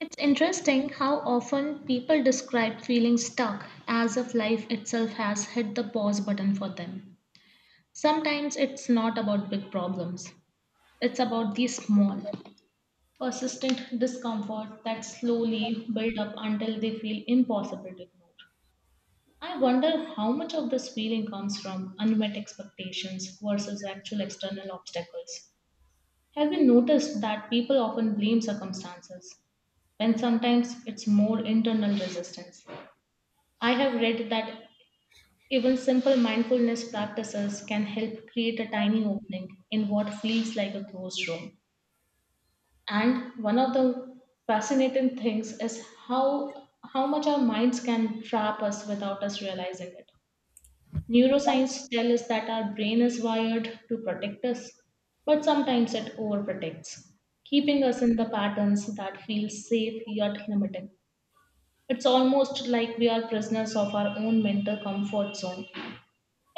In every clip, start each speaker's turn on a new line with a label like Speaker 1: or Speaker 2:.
Speaker 1: It's interesting how often people describe feeling stuck as if life itself has hit the pause button for them. Sometimes it's not about big problems, it's about the small, persistent discomfort that slowly build up until they feel impossible to ignore. I wonder how much of this feeling comes from unmet expectations versus actual external obstacles. Have you noticed that people often blame circumstances when sometimes it's more internal resistance? I have read that even simple mindfulness practices can help create a tiny opening in what feels like a closed room. And one of the fascinating things is how much our minds can trap us without us realizing it. Neuroscience tells us that our brain is wired to protect us, but sometimes it overprotects, keeping us in the patterns that feel safe yet limiting. It's almost like we are prisoners of our own mental comfort zone.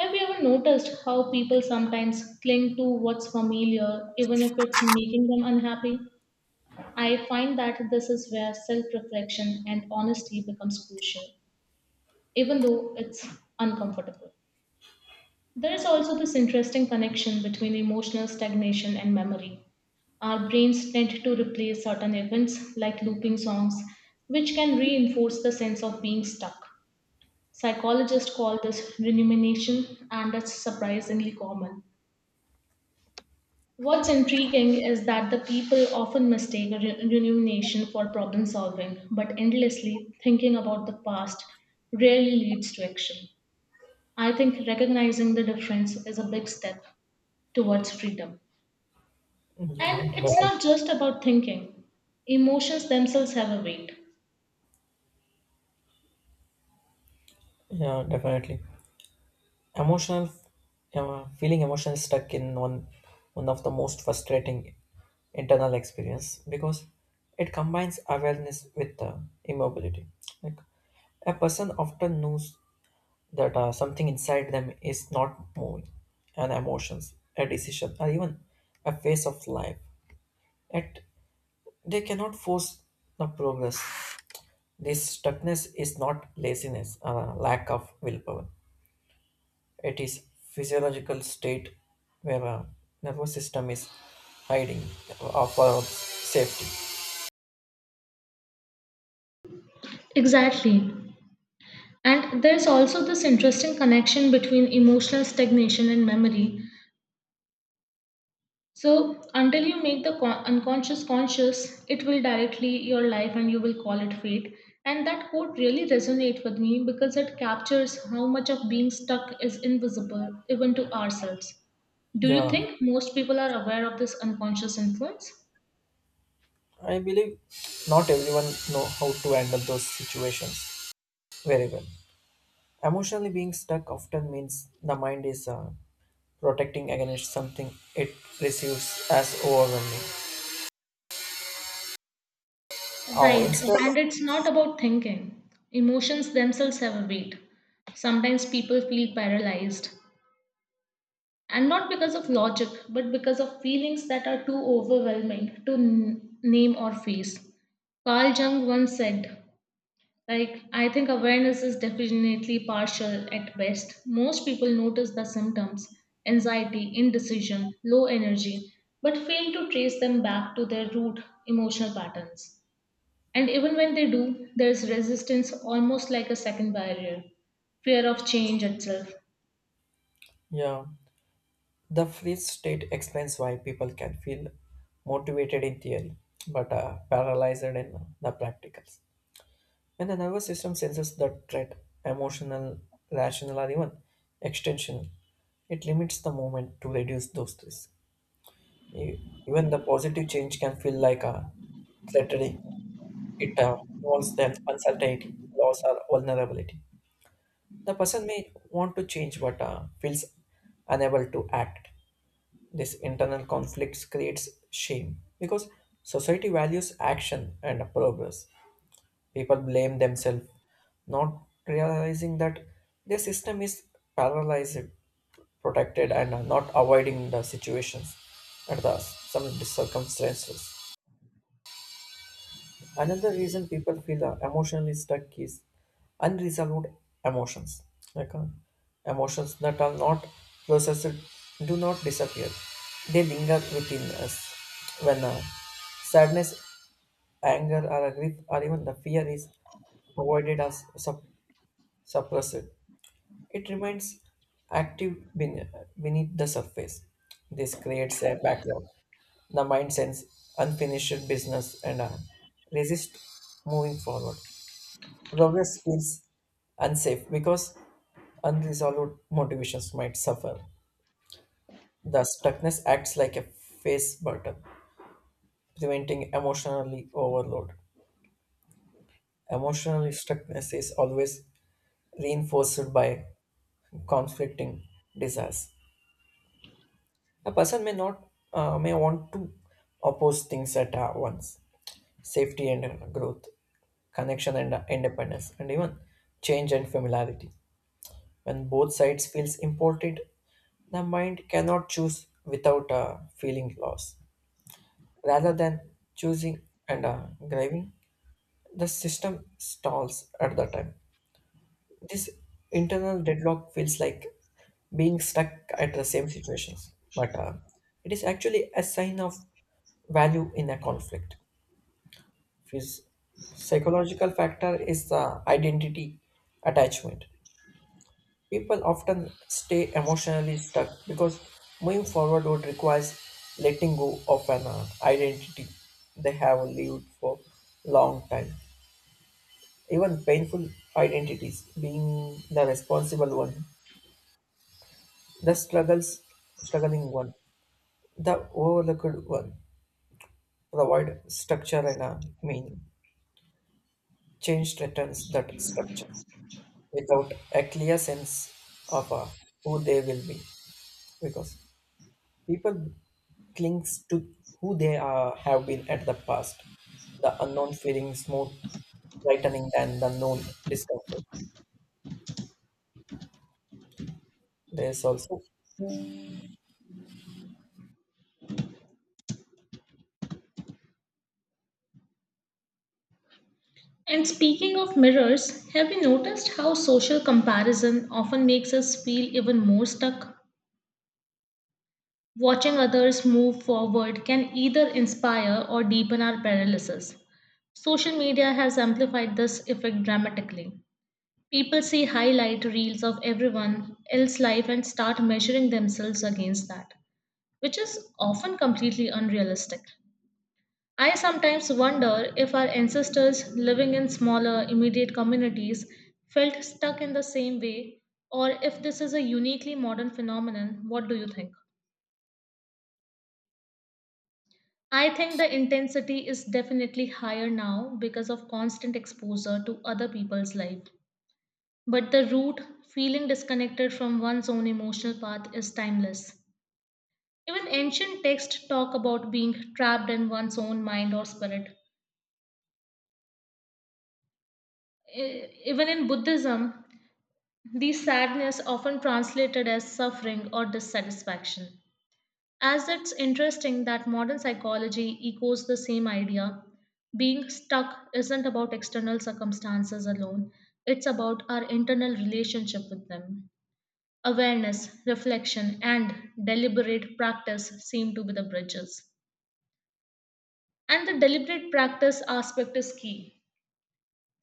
Speaker 1: Have you ever noticed how people sometimes cling to what's familiar even if it's making them unhappy? I find that this is where self reflection and honesty becomes crucial, even though it's uncomfortable. There is also this interesting connection between emotional stagnation and memory. Our brains tend to replay certain events, like looping songs, which can reinforce the sense of being stuck. Psychologists call this rumination, and it's surprisingly common. What's intriguing is that the people often mistake rumination for problem solving, but endlessly thinking about the past rarely leads to action. I think recognizing the difference is a big step towards freedom.
Speaker 2: Yeah,
Speaker 1: And it's
Speaker 2: defi-
Speaker 1: not just about thinking, emotions themselves have a weight.
Speaker 2: yeah, definitely. Emotional, feeling emotional stuck in one of the most frustrating internal experience because it combines awareness with immobility. Like a person often knows that something inside them is not moving, an emotions, a decision, or even a phase of life. Yet they cannot force the progress. This stuckness is not laziness or a lack of willpower. It is physiological state where a nervous system is hiding for safety.
Speaker 1: Exactly. And there's also this interesting connection between emotional stagnation and memory. So, until you make the unconscious conscious, it will directly your life and you will call it fate. And that quote really resonates with me because it captures how much of being stuck is invisible even to ourselves. Do you
Speaker 2: Yeah,
Speaker 1: think most people are aware of this unconscious influence?
Speaker 2: I believe not everyone know how to handle those situations very well. Emotionally being stuck often means the mind is protecting against something it receives as overwhelming. Oh,
Speaker 1: Right,
Speaker 2: instead,
Speaker 1: and it's not about thinking. Emotions themselves have a weight. Sometimes people feel paralyzed, and not because of logic, but because of feelings that are too overwhelming to name or face. Carl Jung once said, like, I think awareness is definitely partial at best. Most people notice the symptoms, anxiety, indecision, low energy, but fail to trace them back to their root emotional patterns. And even when they do, there is resistance almost like a second barrier fear of change itself.
Speaker 2: yeah, the freeze state explains why people can feel motivated in theory but paralyzed in the practicals. When the nervous system senses the threat, emotional, rational, or even extensional, it limits the movement to reduce those stress. E- Even the positive change can feel like a threatening. It involves the uncertainty, loss, or vulnerability. The person may want to change but feels unable to act. This internal conflict creates shame because society values action and progress. People blame themselves, not realizing that their system is paralyzed, protected, and are not avoiding the situations and the some circumstances. Another reason people feel emotionally stuck is unresolved emotions. Like emotions that are not processed do not disappear. They linger within us. When sadness, anger, or grief, or even the fear is avoided as suppressed. It remains active beneath the surface. This creates a backlog. The mind sends unfinished business and resist moving forward. Progress feels unsafe because unresolved motivations might suffer. The stuckness acts like a face button, preventing emotionally overload. Emotional stuckness is always reinforced by conflicting desires. A person may not may want to oppose things at once: safety and growth, connection and independence, and even change and familiarity. When both sides feels important, the mind cannot choose without feeling loss. Rather than choosing and grieving, the system stalls at the time. This internal deadlock feels like being stuck at the same situations, but it is actually a sign of value in a conflict. Phys- Psychological factor is the identity attachment. People often stay emotionally stuck because moving forward would requires letting go of an identity they have lived for long time. Even painful identities, being the responsible one. The struggling one, the overlooked one, provide structure and a meaning. Change threatens that structure without a clear sense of who they will be, because people clings to who they are, have been at the past. The unknown feelings more frightening than the known discomfort. There is also.
Speaker 1: And speaking of mirrors, have you noticed how social comparison often makes us feel even more stuck? Watching others move forward can either inspire or deepen our paralysis. Social media has amplified this effect dramatically. People see highlight reels of everyone else's life and start measuring themselves against that, which is often completely unrealistic. I sometimes wonder if our ancestors living in smaller, immediate communities felt stuck in the same way, or if this is a uniquely modern phenomenon. What do you think? I think the intensity is definitely higher now because of constant exposure to other people's life. But the root, feeling disconnected from one's own emotional path, is timeless. Even ancient texts talk about being trapped in one's own mind or spirit. Even in Buddhism, the sadness often translated as suffering or dissatisfaction. As it's interesting that modern psychology echoes the same idea, being stuck isn't about external circumstances alone, it's about our internal relationship with them. Awareness, reflection, and deliberate practice seem to be the bridges. And the deliberate practice aspect is key.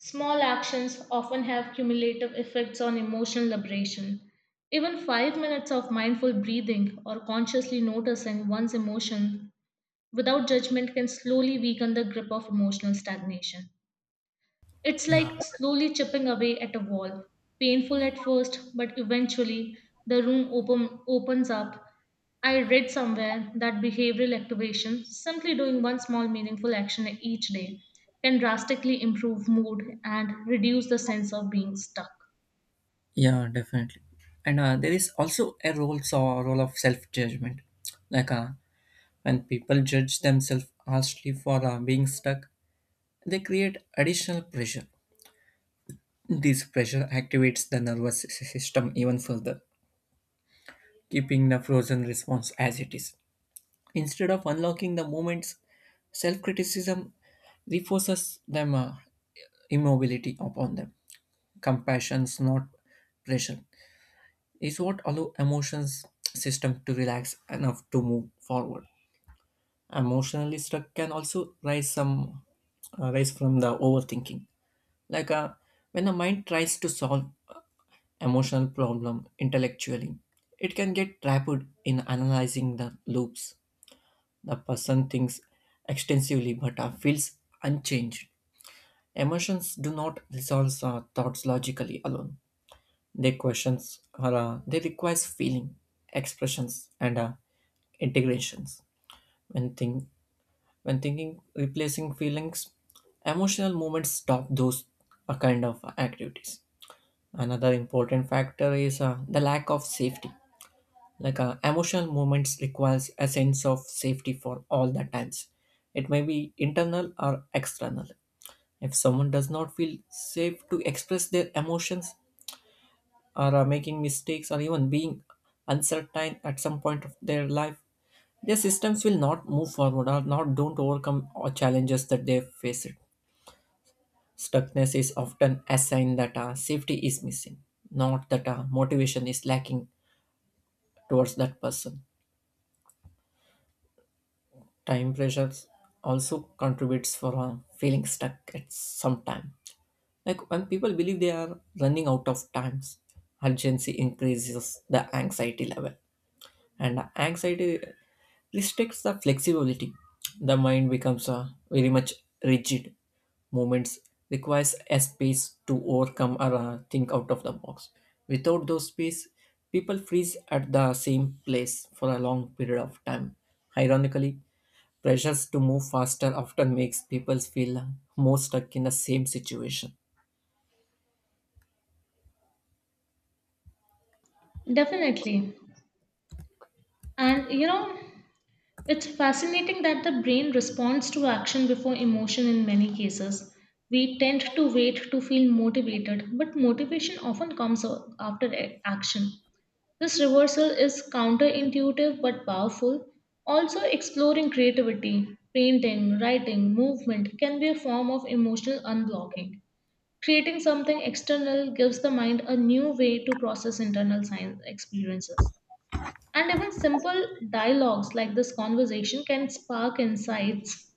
Speaker 1: Small actions often have cumulative effects on emotional liberation. Even 5 minutes of mindful breathing or consciously noticing one's emotion without judgment can slowly weaken the grip of emotional stagnation. It's
Speaker 2: Yeah,
Speaker 1: like slowly chipping away at a wall. Painful at first, but eventually the opens up. I read somewhere that behavioral activation, simply doing one small meaningful action each day, can drastically improve mood and reduce the sense of being stuck.
Speaker 2: yeah, definitely. And there is also a role, so role of self judgment. Like when people judge themselves harshly for being stuck, they create additional pressure. This pressure activates the system even further, keeping the frozen response as it is. Instead of unlocking the moments, self criticism reinforces them immobility upon them. Compassion's not pressure is what allow emotions system to relax enough to move forward. Emotionally stuck can also rise from the overthinking. Like when the mind tries to solve emotional problem intellectually, it can get trapped in analyzing the loops. The person thinks extensively but feels unchanged. Emotions do not resolve thoughts logically alone. They questions or they requires feeling, expressions, and integrations. When think when thinking replacing feelings, emotional movements stop those kind of activities. Another important factor is the lack of safety. Like emotional movements requires a sense of safety for all the times. It may be internal or external. If someone does not feel safe to express their emotions or are making mistakes or even being uncertain at some point of their life, their systems will not move forward or not don't overcome or challenges that they face it. Stuckness is often a sign that safety is missing, not that motivation is lacking towards that person. Time pressures also contributes for feeling stuck at some time. Like when people believe they are running out of times, urgency increases the anxiety level, and anxiety restricts the flexibility. The mind becomes very much rigid. Movements requires a space to overcome or think out of the box. Without those space, people freeze at the same place for a long period of time. Ironically, pressures to move faster often makes people feel more stuck in the same situation.
Speaker 1: Definitely. And you know, it's fascinating that the brain responds to action before emotion in many cases. We tend to wait to feel motivated, but motivation often comes after action. This reversal is counterintuitive but powerful. Also, exploring creativity, painting, writing, movement can be a form of emotional unblocking. Creating something external gives the mind a new way to process internal science experiences. And even simple dialogues like this conversation can spark insights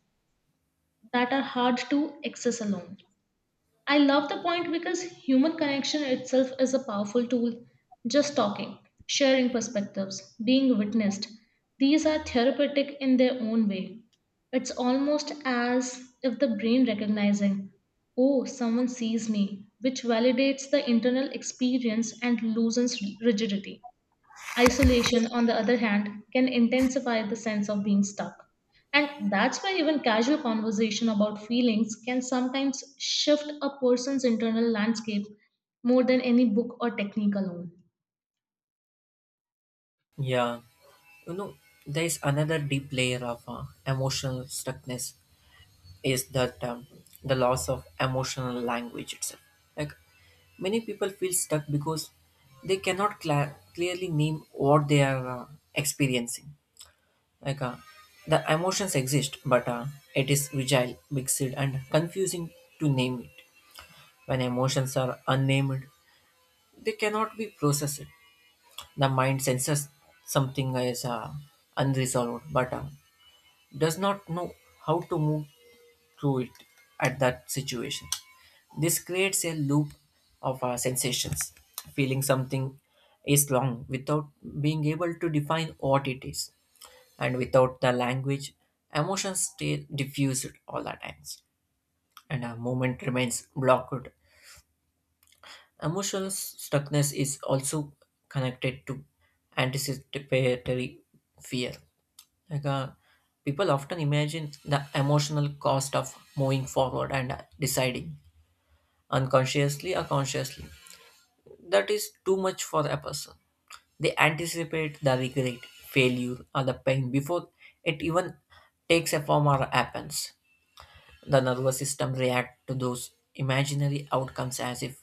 Speaker 1: that are hard to access alone. I love the point because human connection itself is a powerful tool. Just talking, sharing perspectives, being witnessed, these are therapeutic in their own way. It's almost as if the brain recognizing, oh, someone sees me, which validates the internal experience and loosens rigidity. Isolation, on the other hand, can intensify the sense of being stuck. And that's why even casual conversation about feelings can sometimes shift a person's internal landscape more than any book or technique alone.
Speaker 2: Yeah, you know, there is another deep layer of emotional stuckness is that the loss of emotional language itself. Like many people feel stuck because they cannot cla clearly name what they are experiencing. Like the emotions exist, but it is fragile, mixed, and confusing to name it. When emotions are unnamed, they cannot be processed. The mind senses something is unresolved, but does not know how to move through it at that situation. This creates a loop of our sensations. Feeling something is wrong without being able to define what it is, and without the language, emotions stay diffused all the times, and a moment remains blocked. Emotional stuckness is also connected to anticipatory fear. Like people often imagine the emotional cost of moving forward and deciding unconsciously or consciously, that is too much for a person. They anticipate the regret, failure, or the pain before it even takes a form or happens. The nervous system reacts to those imaginary outcomes as if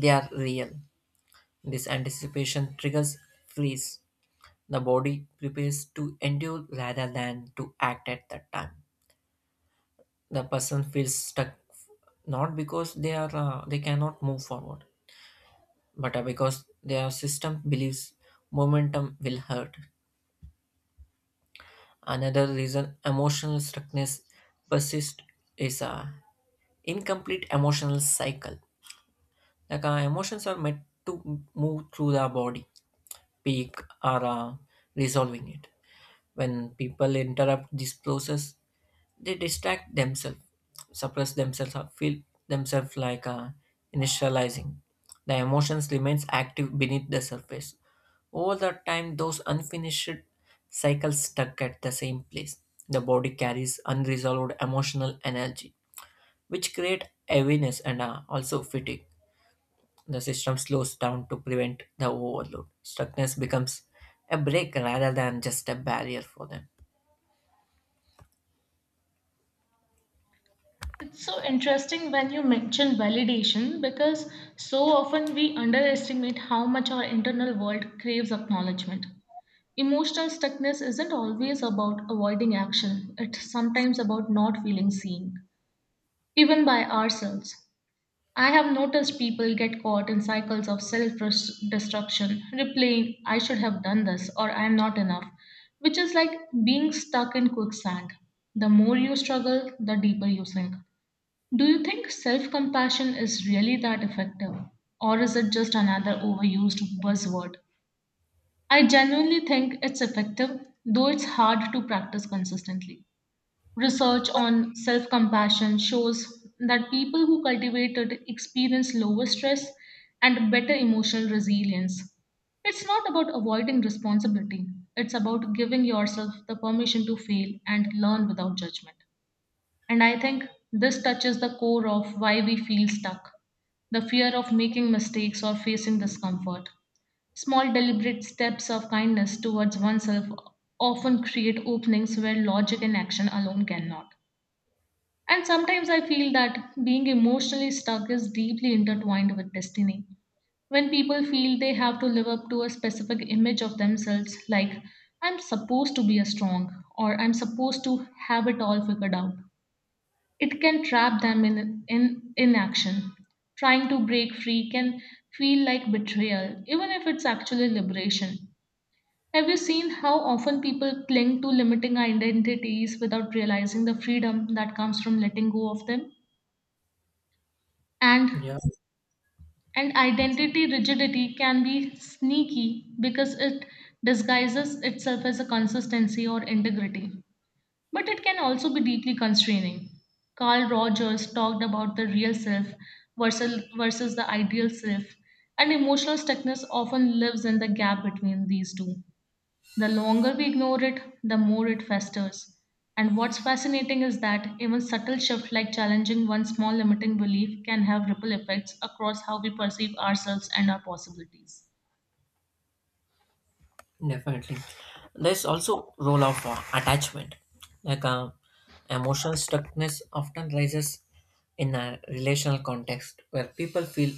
Speaker 2: they are real. This anticipation triggers freeze. The body prepares to endure rather than to act at that time. The person feels stuck not because they cannot move forward but because their system believes momentum will hurt. Another reason emotional stuckness persists is a incomplete emotional cycle. Like our emotions are meant to move through the body, peak or resolving it. When people interrupt this process, they distract themselves, suppress themselves, or feel themselves like initializing. The emotions remains active beneath the surface. Over the time, those unfinished cycles stuck at the same place. The body carries unresolved emotional energy, which create heaviness and also fatigue. The system slows down to prevent the overload. Stuckness becomes a break rather than just a barrier for them.
Speaker 1: It's so interesting when you mention validation because so often we underestimate how much our internal world craves acknowledgement. Emotional stuckness isn't always about avoiding action, it's sometimes about not feeling seen, even by ourselves. I have noticed people get caught in cycles of self destruction, replaying, I should have done this or I am not enough, which is like being stuck in quicksand. The more you struggle, the deeper you sink. Do you think self compassion is really that effective? Or is it just another overused buzzword? I genuinely think it's effective, though it's hard to practice consistently. Research on self compassion shows that people who cultivate it experience lower stress and better emotional resilience. It's not about avoiding responsibility, it's about giving yourself the permission to fail and learn without judgment. And I think this touches the core of why we feel stuck the fear of making mistakes or facing discomfort. Small, deliberate steps of kindness towards oneself often create openings where logic and action alone cannot. And sometimes I feel that being emotionally stuck is deeply intertwined with destiny. When people feel they have to live up to a specific image of themselves, like, I'm supposed to be a strong, or I'm supposed to have it all figured out, it can trap them in inaction. Trying to break free can feel like betrayal, even if it's actually liberation. Have you seen how often people cling to limiting identities without realizing the freedom that comes from letting go of them?
Speaker 2: Yeah.
Speaker 1: and and identity rigidity can be sneaky because it disguises itself as a consistency or integrity, but it can also be deeply constraining. Carl Rogers talked about the real self versus the ideal self, and emotional stuckness often lives in the gap between these two. The longer we ignore it, the more it festers. And what's fascinating is that even subtle shifts like challenging one small limiting belief can have ripple effects across how we perceive ourselves and our possibilities.
Speaker 2: Definitely. There's also role of attachment. Like emotional stuckness often rises in a relational context where people feel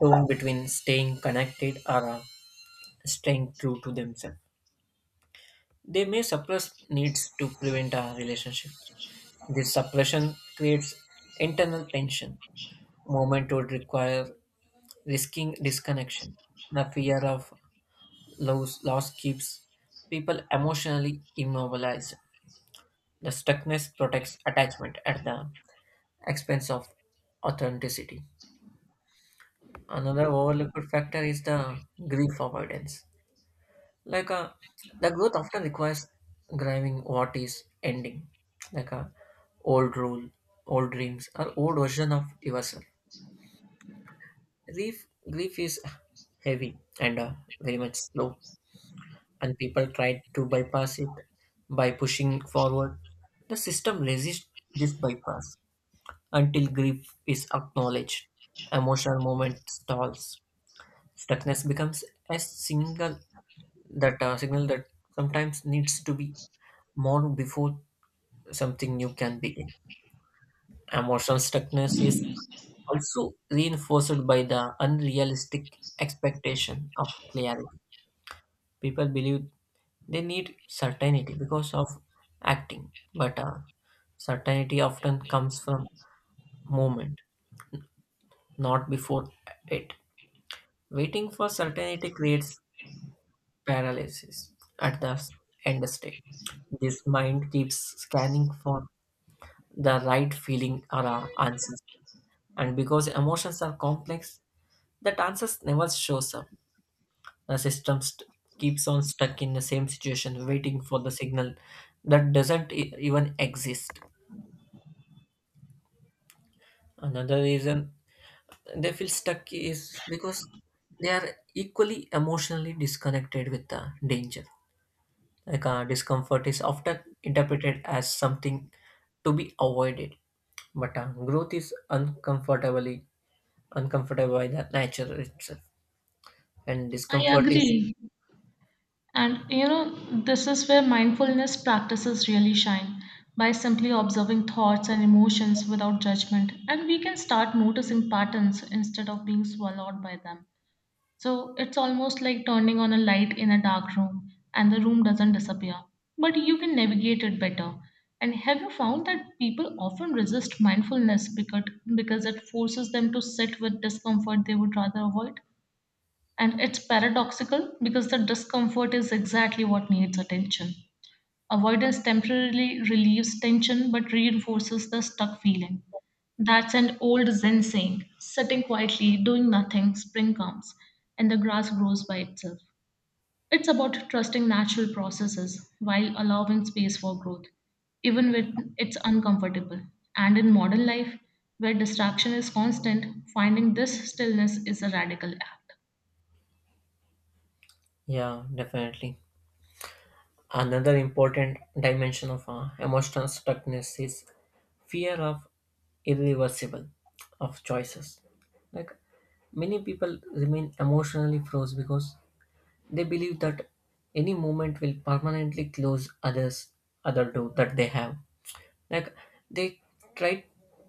Speaker 2: torn between staying connected or staying true to themselves. They may suppress needs to prevent a relationship. This suppression creates internal tension. Moment would require risking disconnection. The fear of loss keeps people emotionally immobilized. The stuckness protects attachment at the expense of authenticity. Another overlooked factor is the grief avoidance. Like the growth often requires grieving what is ending, like a old rule, old dreams, or old version of yourself. Grief is heavy and very much slow, and people try to bypass it by pushing forward. The system resists this bypass. Until grief is acknowledged, emotional movement stalls. Stuckness becomes a single that signal that sometimes needs to be mourned before something new can begin. Emotional stuckness is also reinforced by the unrealistic expectation of clarity. People believe they need certainty because of acting, but certainty often comes from movement, not before it. Waiting for certainty creates paralysis at the end state. This mind keeps scanning for the right feeling or answers. And because emotions are complex, that answers never shows up. The keeps on stuck in the same situation, waiting for the signal that doesn't even exist. Another reason they feel stuck is because they are equally emotionally disconnected with the danger. Like discomfort is often interpreted as something to be avoided, but growth is uncomfortably uncomfortable by the nature itself, and
Speaker 1: I
Speaker 2: discomfort is
Speaker 1: agree. And you know, this is where mindfulness practices really shine by simply observing thoughts and emotions without judgment. And we can start noticing patterns instead of being swallowed by them. So it's almost like turning on a light in a dark room and the room doesn't disappear, but you can navigate it better. And have you found that people often resist mindfulness because it forces them to sit with discomfort they would rather avoid? And it's paradoxical because the discomfort is exactly what needs attention. Avoidance temporarily relieves tension but reinforces the stuck feeling. That's an old Zen saying sitting quietly, doing nothing, spring comes, and the grass grows by itself. It's about trusting natural processes while allowing space for growth, even when it's uncomfortable. And in modern life, where distraction is constant, finding this stillness is a radical act.
Speaker 2: yeah definitely another important dimension of emotional stuckness is fear of irreversible of choices. Like many people remain emotionally froze because they believe that any movement will permanently close other door that they have. Like they try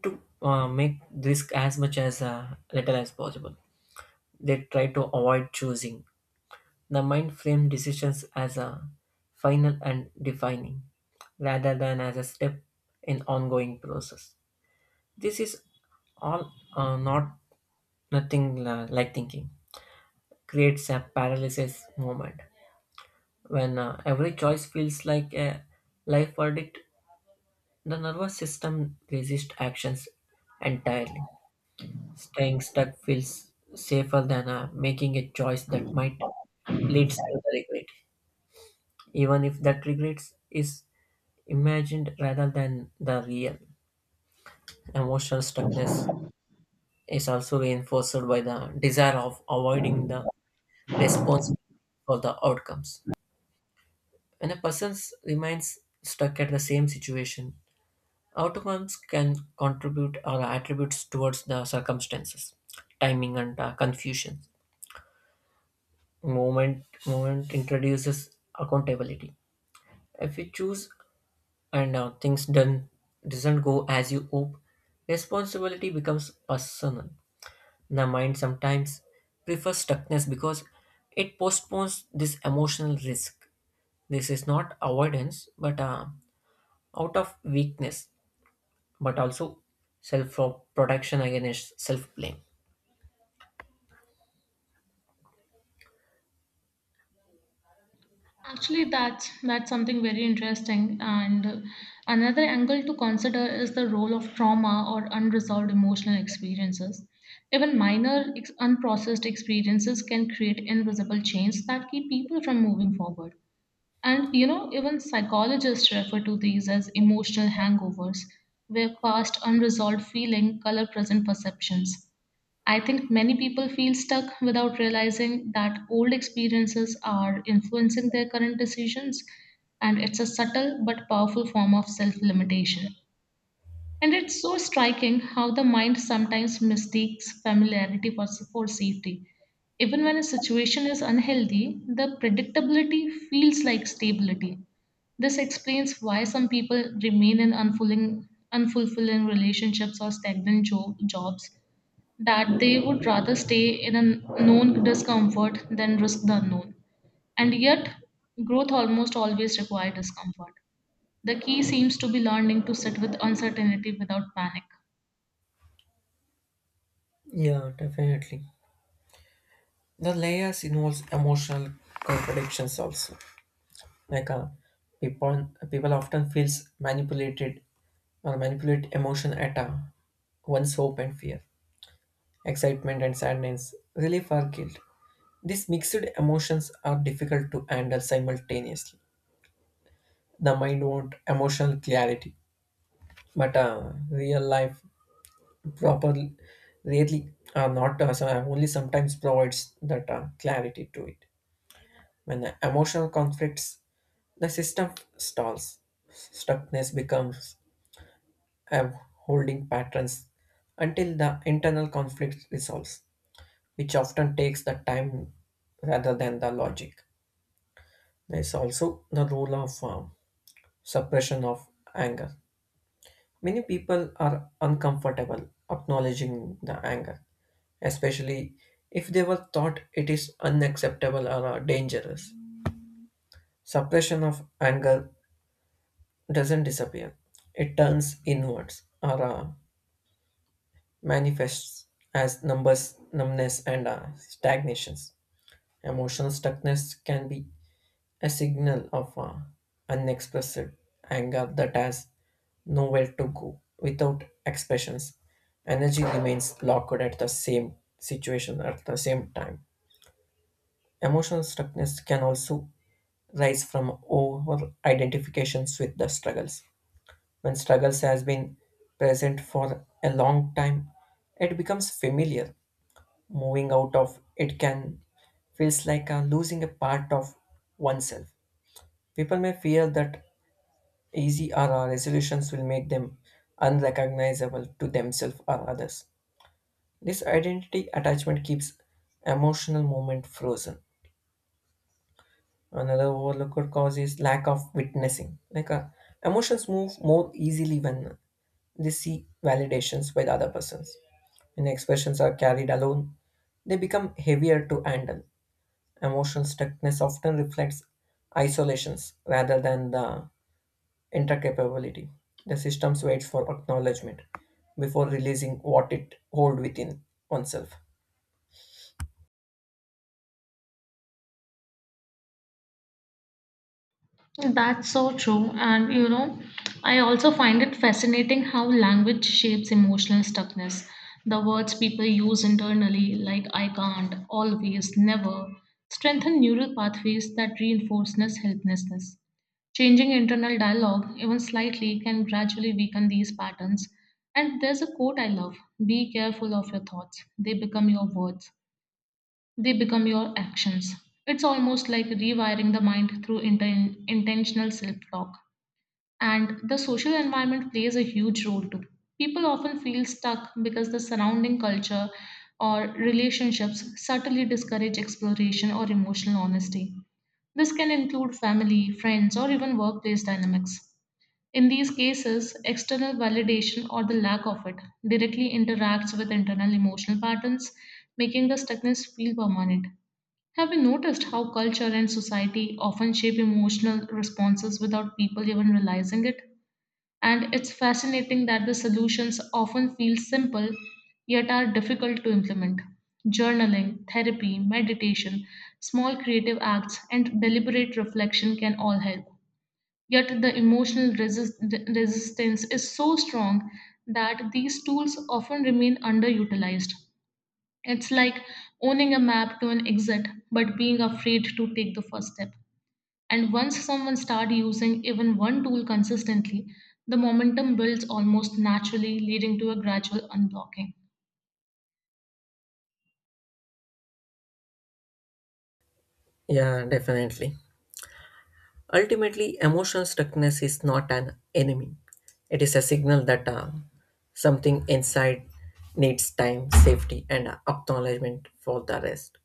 Speaker 2: to make risk as much as little as possible. They try to avoid choosing. The mind frame decisions as a final and defining rather than as a step in ongoing process. This is all not nothing like thinking creates a paralysis moment. When every choice feels like a life verdict, the nervous system resists actions entirely. Staying stuck feels safer than making a choice that might lead to the regret, even if that regret is imagined rather than the real. Emotional stuckness is also reinforced by the desire of avoiding the responsibility for the outcomes. When a person remains stuck at the same situation, outcomes can contribute or attributes towards the circumstances, timing, and confusion. Moment introduces accountability. If you choose and things done doesn't go as you hope, responsibility becomes personal. The mind sometimes prefers stuckness because it postpones this emotional risk. This is not avoidance, but out of weakness, but also self protection against self blame.
Speaker 1: Actually, that's something very interesting. And another angle to consider is the role of trauma or unresolved emotional experiences. Even minor unprocessed experiences can create invisible chains that keep people from moving forward. And you know, even psychologists refer to these as emotional hangovers, where past unresolved feeling color present perceptions. I think many people feel stuck without realizing that old experiences are influencing their current decisions, and it's a subtle but powerful form of self limitation. And it's so striking how the mind sometimes mistakes familiarity for safety. Even when a situation is unhealthy, the predictability feels like stability. This explains why some people remain in unfulfilling relationships or stagnant jobs that they would rather stay in a known discomfort than risk the unknown. And yet, growth almost always requires discomfort. The key seems to be learning to sit with uncertainty without panic.
Speaker 2: Yeah, definitely. The layers involves emotional contradictions also. Like people often feels manipulated or manipulate emotion at once hope and fear, excitement and sadness, relief or guilt. These mixed emotions are difficult to handle simultaneously. The mind wants emotional clarity, but real life properly, really are not so only sometimes provides that clarity to it. When the emotional conflicts, the system stalls. Stuckness becomes a holding patterns until the internal conflict resolves, which often takes the time rather than the logic. There is also the role of suppression of anger. Many people are uncomfortable acknowledging the anger, especially if they were thought it is unacceptable or dangerous. Suppression of anger doesn't disappear. It turns inwards or manifests as numbness, and stagnations. Emotional stuckness can be a signal of unexpressed anger that has nowhere to go without expressions. Energy remains locked at the same situation at the same time. Emotional stuckness can also rise from over identifications with the struggles. When struggles has been present for a long time, it becomes familiar. Moving out of it can feels like losing a part of oneself. People may fear that easy or resolutions will make them unrecognizable to themselves or others. This identity attachment keeps emotional moment frozen. Another overlooked cause is lack of witnessing. Like emotions move more easily when they see validations by the other persons. When expressions are carried alone, they become heavier to handle. Emotional stuckness often reflects isolations rather than the intercapability. The system waits for acknowledgement before releasing what it holds within oneself.
Speaker 1: That's so true. And you know, I also find it fascinating how language shapes emotional stuckness. The words people use internally, like I can't, always, never, strengthen neural pathways that reinforce this helplessness. Changing internal dialogue, even slightly, can gradually weaken these patterns. And there's a quote I love: be careful of your thoughts, they become your words. They become your actions. It's almost like rewiring the mind through intentional self talk. And the social environment plays a huge role too. People often feel stuck because the surrounding culture or relationships subtly discourage exploration or emotional honesty. This can include family, friends, or even workplace dynamics. In these cases, external validation or the lack of it directly interacts with internal emotional patterns, making the stuckness feel permanent. Have you noticed how culture and society often shape emotional responses without people even realizing it? And it's fascinating that the solutions often feel simple yet are difficult to implement. Journaling, therapy, meditation, small creative acts, and deliberate reflection can all help. Yet the emotional resistance is so strong that these tools often remain underutilized. It's like owning a map to an exit, but being afraid to take the first step. And once someone starts using even one tool consistently, the momentum builds almost naturally, leading to a gradual unblocking.
Speaker 2: Yeah, definitely. Ultimately, emotional stuckness is not an enemy. It is a signal that something inside needs time, safety, and acknowledgement for the rest.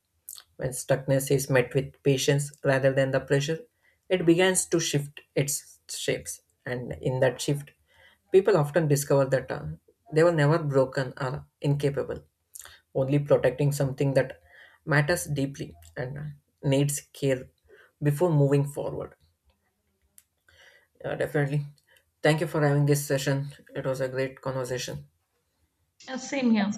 Speaker 2: When stuckness is met with patience rather than the pressure, it begins to shift its shapes. And in that shift, people often discover that they were never broken or incapable, only protecting something that matters deeply and needs care before moving forward. Definitely. Thank you for having this session. It was a great conversation.
Speaker 1: Same here.